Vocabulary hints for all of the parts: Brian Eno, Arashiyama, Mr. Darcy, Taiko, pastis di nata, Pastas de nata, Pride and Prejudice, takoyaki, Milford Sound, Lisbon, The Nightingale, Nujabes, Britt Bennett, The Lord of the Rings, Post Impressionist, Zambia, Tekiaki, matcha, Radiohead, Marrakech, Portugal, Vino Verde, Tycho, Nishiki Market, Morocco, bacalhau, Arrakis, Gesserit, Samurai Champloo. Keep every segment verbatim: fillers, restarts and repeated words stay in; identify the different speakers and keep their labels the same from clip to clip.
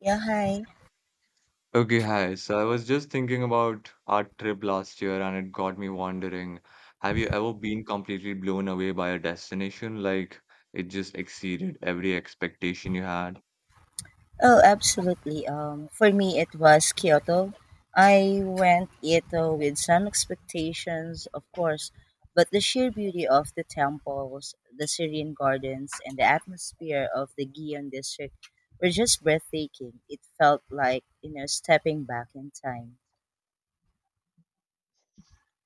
Speaker 1: Yeah, hi.
Speaker 2: Okay, hi. So I was just thinking about our trip last year and it got me wondering, have you ever been completely blown away by a destination? Like it just exceeded every expectation you had?
Speaker 1: Oh, absolutely. Um, for me, it was Kyoto. I went Kyoto with some expectations, of course, but the sheer beauty of the temples, the serene gardens, and the atmosphere of the Gion district were just breathtaking. It felt like, you know, stepping back in time.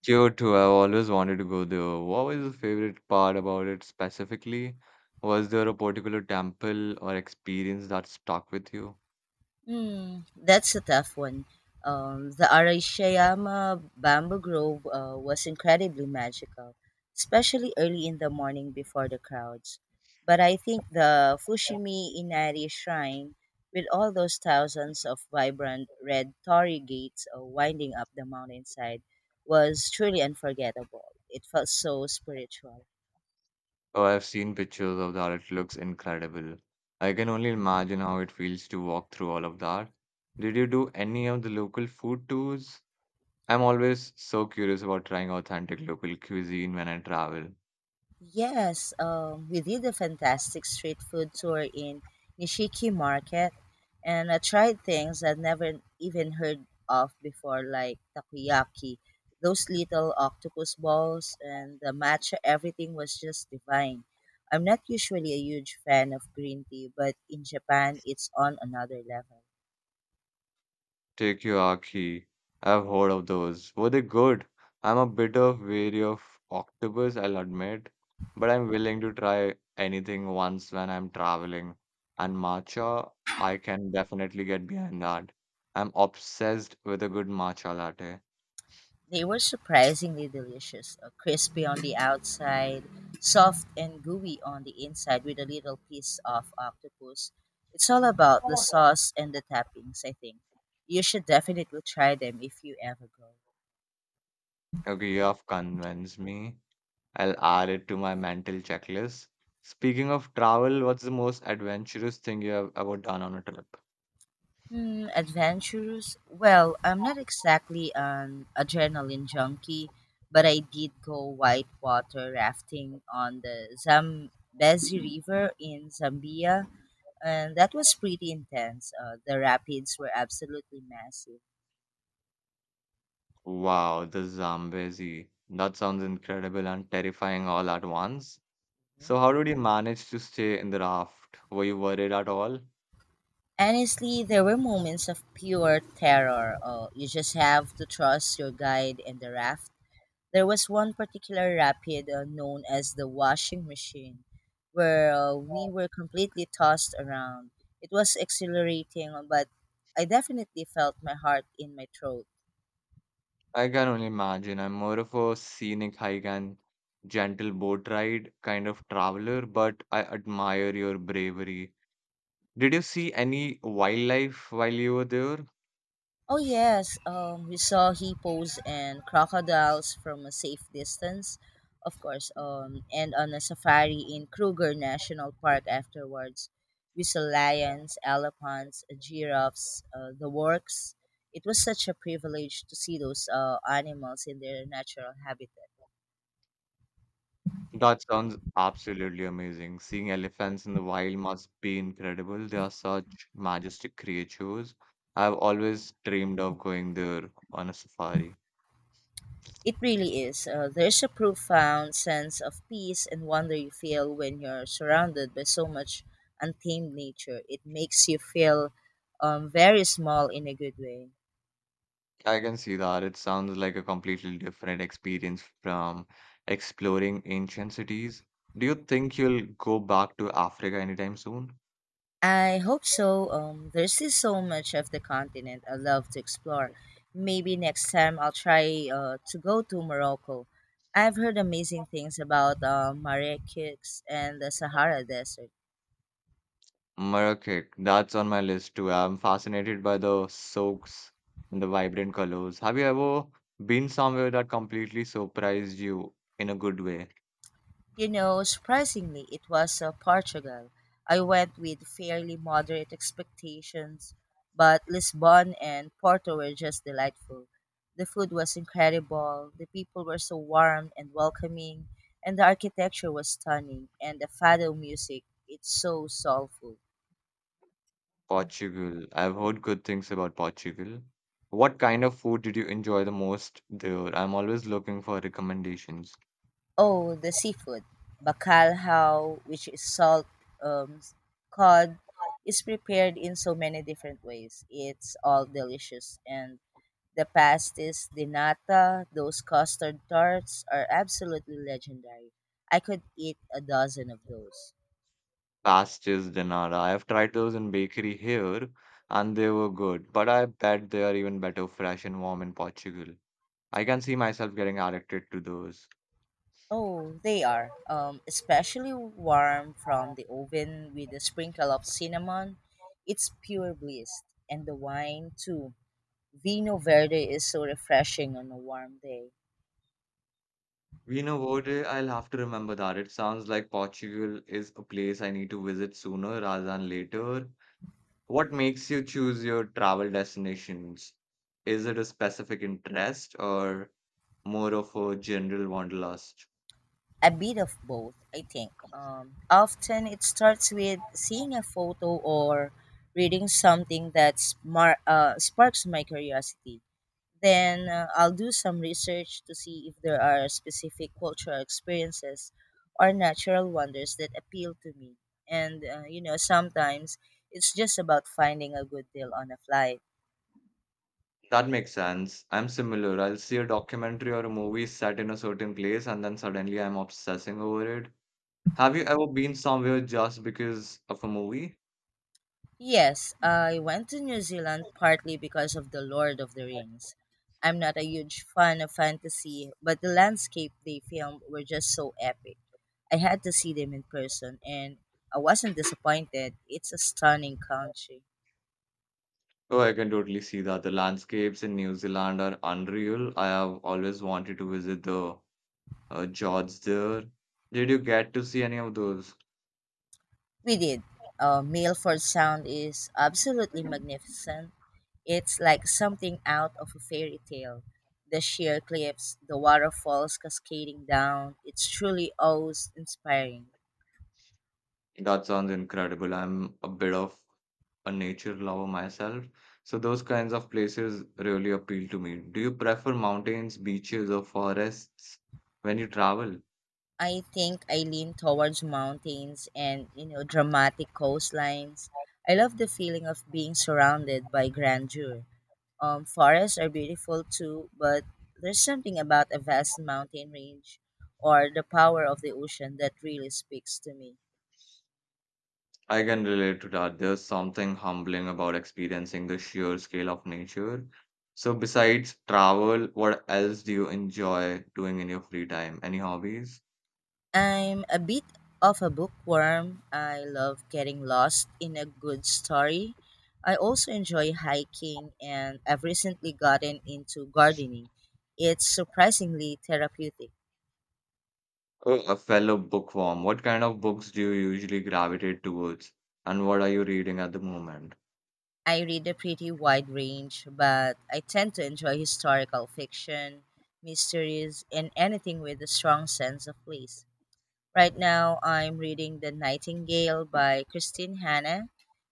Speaker 2: Kyoto, I've always wanted to go there. What was your favorite part about it specifically? Was there a particular temple or experience that stuck with you?
Speaker 1: Mm, that's a tough one. Um, the Arashiyama Bamboo Grove uh, was incredibly magical, especially early in the morning before the crowds. But I think the Fushimi Inari Shrine, with all those thousands of vibrant red torii gates uh, winding up the mountainside, was truly unforgettable. It felt so spiritual.
Speaker 2: Oh, I've seen pictures of that. It looks incredible. I can only imagine how it feels to walk through all of that. Did you do any of the local food tours? I'm always so curious about trying authentic local cuisine when I travel.
Speaker 1: Yes, um, we did a fantastic street food tour in Nishiki Market, and I tried things I'd never even heard of before, like takoyaki, those little octopus balls, and the matcha. Everything was just divine. I'm not usually a huge fan of green tea, but in Japan, it's on another level.
Speaker 2: Tekiaki. I've heard of those. Were they good? I'm a bit of wary of octopus, I'll admit, but I'm willing to try anything once when I'm traveling. And matcha, I can definitely get behind that. I'm obsessed with a good matcha latte.
Speaker 1: They were surprisingly delicious, uh, crispy on the outside, soft and gooey on the inside with a little piece of octopus. It's all about the sauce and the toppings, I think. You should definitely try them if you ever go.
Speaker 2: Okay, you have convinced me. I'll add it to my mental checklist. Speaking of travel, what's the most adventurous thing you have ever done on a trip?
Speaker 1: Hmm, adventurous? Well, I'm not exactly an adrenaline junkie, but I did go whitewater rafting on the Zambezi River in Zambia, and that was pretty intense. Uh, the rapids were absolutely massive.
Speaker 2: Wow, the Zambezi. That sounds incredible and terrifying all at once. So,
Speaker 1: Mhm.
Speaker 2: how did you manage to stay in the raft? Were you worried at all?
Speaker 1: Honestly, there were moments of pure terror. Uh, you just have to trust your guide and the raft. There was one particular rapid uh, known as the washing machine, where uh, we were completely tossed around. It was exhilarating, but I definitely felt my heart in my throat.
Speaker 2: I can only imagine. I'm more of a scenic hike and gentle boat ride kind of traveler, but I admire your bravery. Did you see any wildlife while you were there?
Speaker 1: Oh yes, um, we saw hippos and crocodiles from a safe distance, of course. Um, and on a safari in Kruger National Park afterwards, we saw lions, elephants, giraffes, uh, the works. It was such a privilege to see those uh, animals in their natural habitat.
Speaker 2: That sounds absolutely amazing. Seeing elephants in the wild must be incredible. They are such majestic creatures. I've always dreamed of going there on a safari.
Speaker 1: It really is. Uh, there's a profound sense of peace and wonder you feel when you're surrounded by so much untamed nature. It makes you feel um, very small in a good way.
Speaker 2: I can see that. It sounds like a completely different experience from exploring ancient cities. Do you think you'll go back to Africa anytime soon?
Speaker 1: I hope so. Um, there's still so much of the continent I love to explore. Maybe next time I'll try uh, to go to Morocco. I've heard amazing things about uh, Marrakech and the Sahara Desert.
Speaker 2: Marrakech, that's on my list too. I'm fascinated by the soaks and the vibrant colors. Have you ever been somewhere that completely surprised you in a good way?
Speaker 1: You know, surprisingly, it was uh, Portugal. I went with fairly moderate expectations, but Lisbon and Porto were just delightful. The food was incredible, the people were so warm and welcoming, and the architecture was stunning, and the fado music, it's so soulful.
Speaker 2: Portugal. I've heard good things about Portugal. What kind of food did you enjoy the most there? I'm always looking for recommendations.
Speaker 1: Oh, the seafood, bacalhau, which is salt um, cod, is prepared in so many different ways. It's all delicious. And the pastis di nata, those custard tarts, are absolutely legendary. I could eat a dozen of those.
Speaker 2: Pastas de nata. I've tried those in bakery here and they were good, but I bet they are even better fresh and warm in Portugal. I can see myself getting addicted to those.
Speaker 1: Oh, they are. Um, especially warm from the oven with a sprinkle of cinnamon. It's pure bliss. And the wine, too. Vino Verde is so refreshing on a warm day.
Speaker 2: You know what? eh, I'll have to remember that. It sounds like Portugal is a place I need to visit sooner rather than later. What makes you choose your travel destinations? Is it a specific interest or more of a general wanderlust?
Speaker 1: A bit of both, I think. Um, often it starts with seeing a photo or reading something that smar- uh, sparks my curiosity. Then uh, I'll do some research to see if there are specific cultural experiences or natural wonders that appeal to me. And, uh, you know, sometimes it's just about finding a good deal on a flight.
Speaker 2: That makes sense. I'm similar. I'll see a documentary or a movie set in a certain place and then suddenly I'm obsessing over it. Have you ever been somewhere just because of a movie?
Speaker 1: Yes, I went to New Zealand partly because of The Lord of the Rings. I'm not a huge fan of fantasy, but the landscape they filmed were just so epic. I had to see them in person, and I wasn't disappointed. It's a stunning country.
Speaker 2: Oh, I can totally see that. The landscapes in New Zealand are unreal. I have always wanted to visit the uh, George there. Did you get to see any of those?
Speaker 1: We did. Uh, Milford Sound is absolutely magnificent. It's like something out of a fairy tale. The sheer cliffs, the waterfalls cascading down, it's truly awe inspiring.
Speaker 2: That sounds incredible. I'm a bit of a nature lover myself, so those kinds of places really appeal to me. Do you prefer mountains, beaches, or forests when you travel?
Speaker 1: I think I lean towards mountains and, you know, dramatic coastlines. I love the feeling of being surrounded by grandeur. Um, forests are beautiful too, but there's something about a vast mountain range or the power of the ocean that really speaks to me.
Speaker 2: I can relate to that. There's something humbling about experiencing the sheer scale of nature. So, besides travel, what else do you enjoy doing in your free time? Any hobbies?
Speaker 1: I'm a bit of a bookworm. I love getting lost in a good story. I also enjoy hiking, and I've recently gotten into gardening. It's surprisingly therapeutic.
Speaker 2: Oh, a fellow bookworm, what kind of books do you usually gravitate towards? And what are you reading at the moment?
Speaker 1: I read a pretty wide range, but I tend to enjoy historical fiction, mysteries, and anything with a strong sense of place. Right now, I'm reading The Nightingale by Christine Hanna.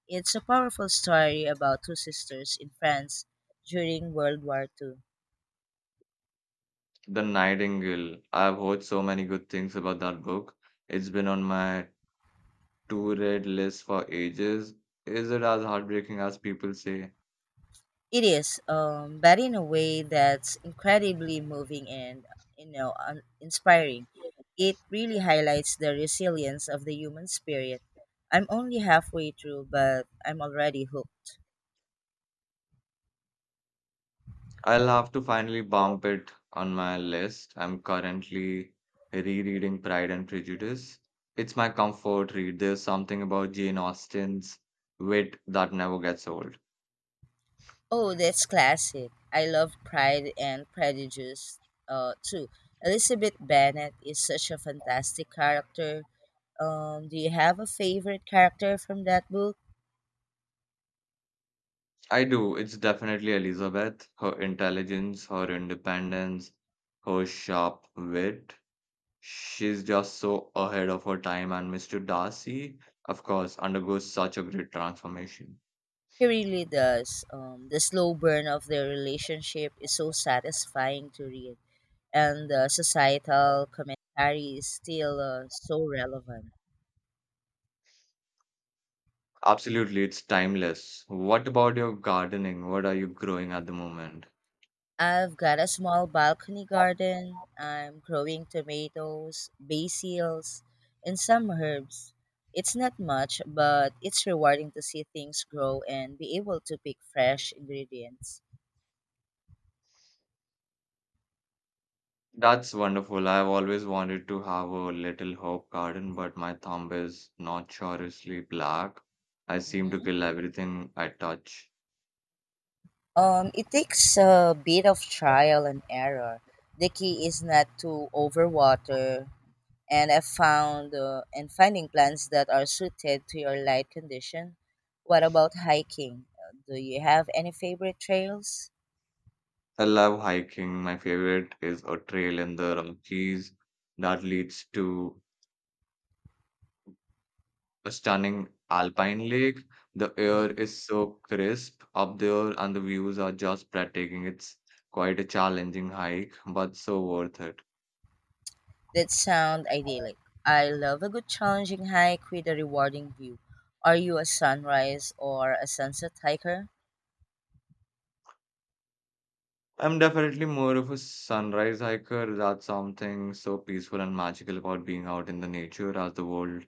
Speaker 1: It's a powerful story about two sisters in France during World War Two.
Speaker 2: The Nightingale. I've heard so many good things about that book. It's been on my to read list for ages. Is it as heartbreaking as people say?
Speaker 1: It is, um, but in a way that's incredibly moving and, you know, un- inspiring. It really highlights the resilience of the human spirit. I'm only halfway through, but I'm already hooked.
Speaker 2: I'll have to finally bump it on my list. I'm currently rereading Pride and Prejudice. It's my comfort read. There's something about Jane Austen's wit that never gets old.
Speaker 1: Oh, that's classic. I love Pride and Prejudice uh, too. Elizabeth Bennet is such a fantastic character. Um, do you have a favorite character from that book?
Speaker 2: I do. It's definitely Elizabeth, her intelligence, her independence, her sharp wit. She's just so ahead of her time, and mister Darcy, of course, undergoes such a great transformation.
Speaker 1: He really does. Um, the slow burn of their relationship is so satisfying to read, and the societal commentary is still uh, so relevant.
Speaker 2: Absolutely, it's timeless. What about your gardening? What are you growing at the moment?
Speaker 1: I've got a small balcony garden. I'm growing tomatoes, basils, and some herbs. It's not much, but it's rewarding to see things grow and be able to pick fresh ingredients.
Speaker 2: That's wonderful. I've always wanted to have a little herb garden, but my thumb is notoriously black. I seem to
Speaker 1: Mhm.
Speaker 2: kill everything I touch.
Speaker 1: Um, it takes a bit of trial and error. The key is not to overwater, and I found uh, and finding plants that are suited to your light condition. What about hiking? Uh, Do you have any favorite trails?
Speaker 2: I love hiking. My favorite is a trail in the Rockies that leads to a stunning alpine lake. The air
Speaker 1: Mhm.
Speaker 2: is so crisp up there, and the views are just breathtaking. It's quite a challenging hike, but so worth it.
Speaker 1: That sound idyllic. I love a good challenging hike with a rewarding view. Are you a sunrise or a sunset hiker?
Speaker 2: I'm definitely more of a sunrise hiker. That's something so peaceful and magical about being out in the nature as the world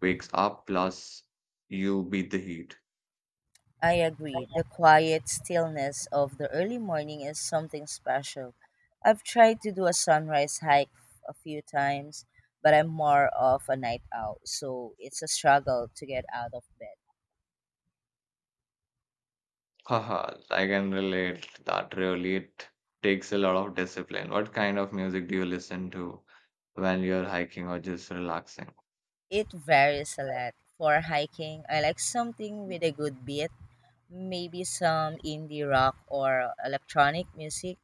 Speaker 2: wakes up, plus you beat the heat.
Speaker 1: I agree. The quiet stillness of the early morning is something special. I've tried to do a sunrise hike a few times, but I'm more of a night owl, so it's a struggle to get out of bed.
Speaker 2: Haha, I can relate that really it takes a lot of discipline. What kind of music do you listen to when you're hiking or just relaxing?
Speaker 1: It varies a lot. For hiking, I like something with a good beat, maybe some indie rock or electronic music.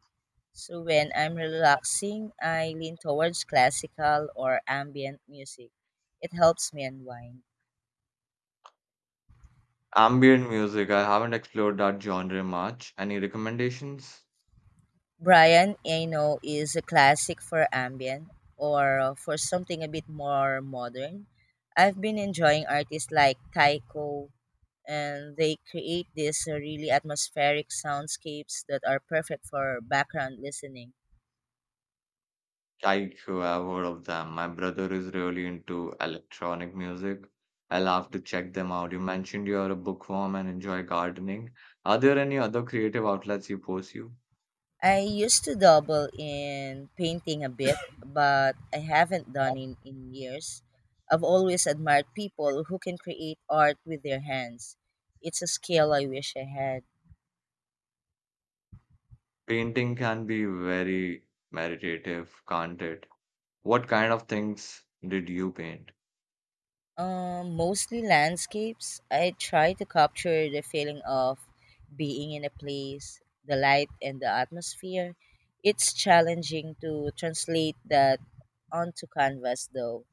Speaker 1: So when I'm relaxing, I lean towards classical or ambient music. It helps me unwind.
Speaker 2: Ambient music, I haven't explored that genre much. Any recommendations?
Speaker 1: Brian Eno is a classic for ambient, or uh, for something a bit more modern. I've been enjoying artists like Taiko, and they create these uh, really atmospheric soundscapes that are perfect for background listening.
Speaker 2: I have heard of them. My brother is really into electronic music. I'll have to check them out. You mentioned you are a bookworm and enjoy gardening. Are there any other creative outlets you pursue?
Speaker 1: I used to dabble in painting a bit, but I haven't done it in years. I've always admired people who can create art with their hands. It's a skill I wish I had.
Speaker 2: Painting can be very meditative, can't it? What kind of things did you paint?
Speaker 1: Um, mostly landscapes. I try to capture the feeling of being in a place, the light and the atmosphere. It's challenging to translate that onto canvas though.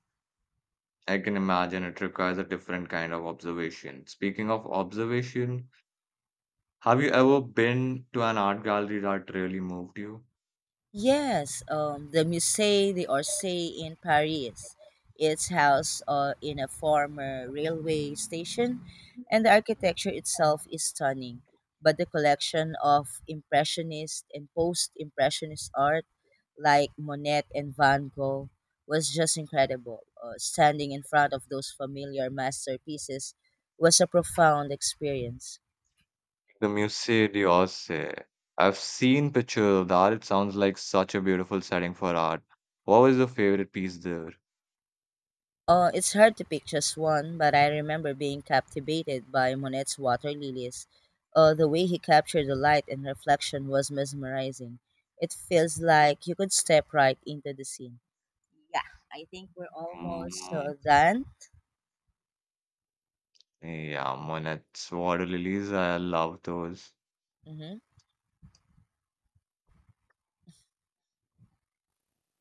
Speaker 2: I can imagine it requires a different kind of observation. Speaking of observation, have you ever been to an art gallery that really moved you?
Speaker 1: Yes, um, the Musée d'Orsay in Paris. It's housed uh, in a former railway station, and the architecture itself is stunning. But the collection of Impressionist and Post Impressionist art, like Monet and Van Gogh, was just incredible. Uh, standing in front of those familiar masterpieces was a profound experience.
Speaker 2: The Musée d'Orsay. I've seen pictures of that. It sounds like such a beautiful setting for art. What was your favorite piece there?
Speaker 1: Uh, it's hard to pick just one, but I remember being captivated by Monet's water lilies. Uh, the way he captured the light and reflection was mesmerizing. It feels like you could step right into the scene. Yeah, I think we're almost
Speaker 2: Mm,
Speaker 1: uh, done.
Speaker 2: yeah, Monet's water lilies. I love those.
Speaker 1: Mm-hmm.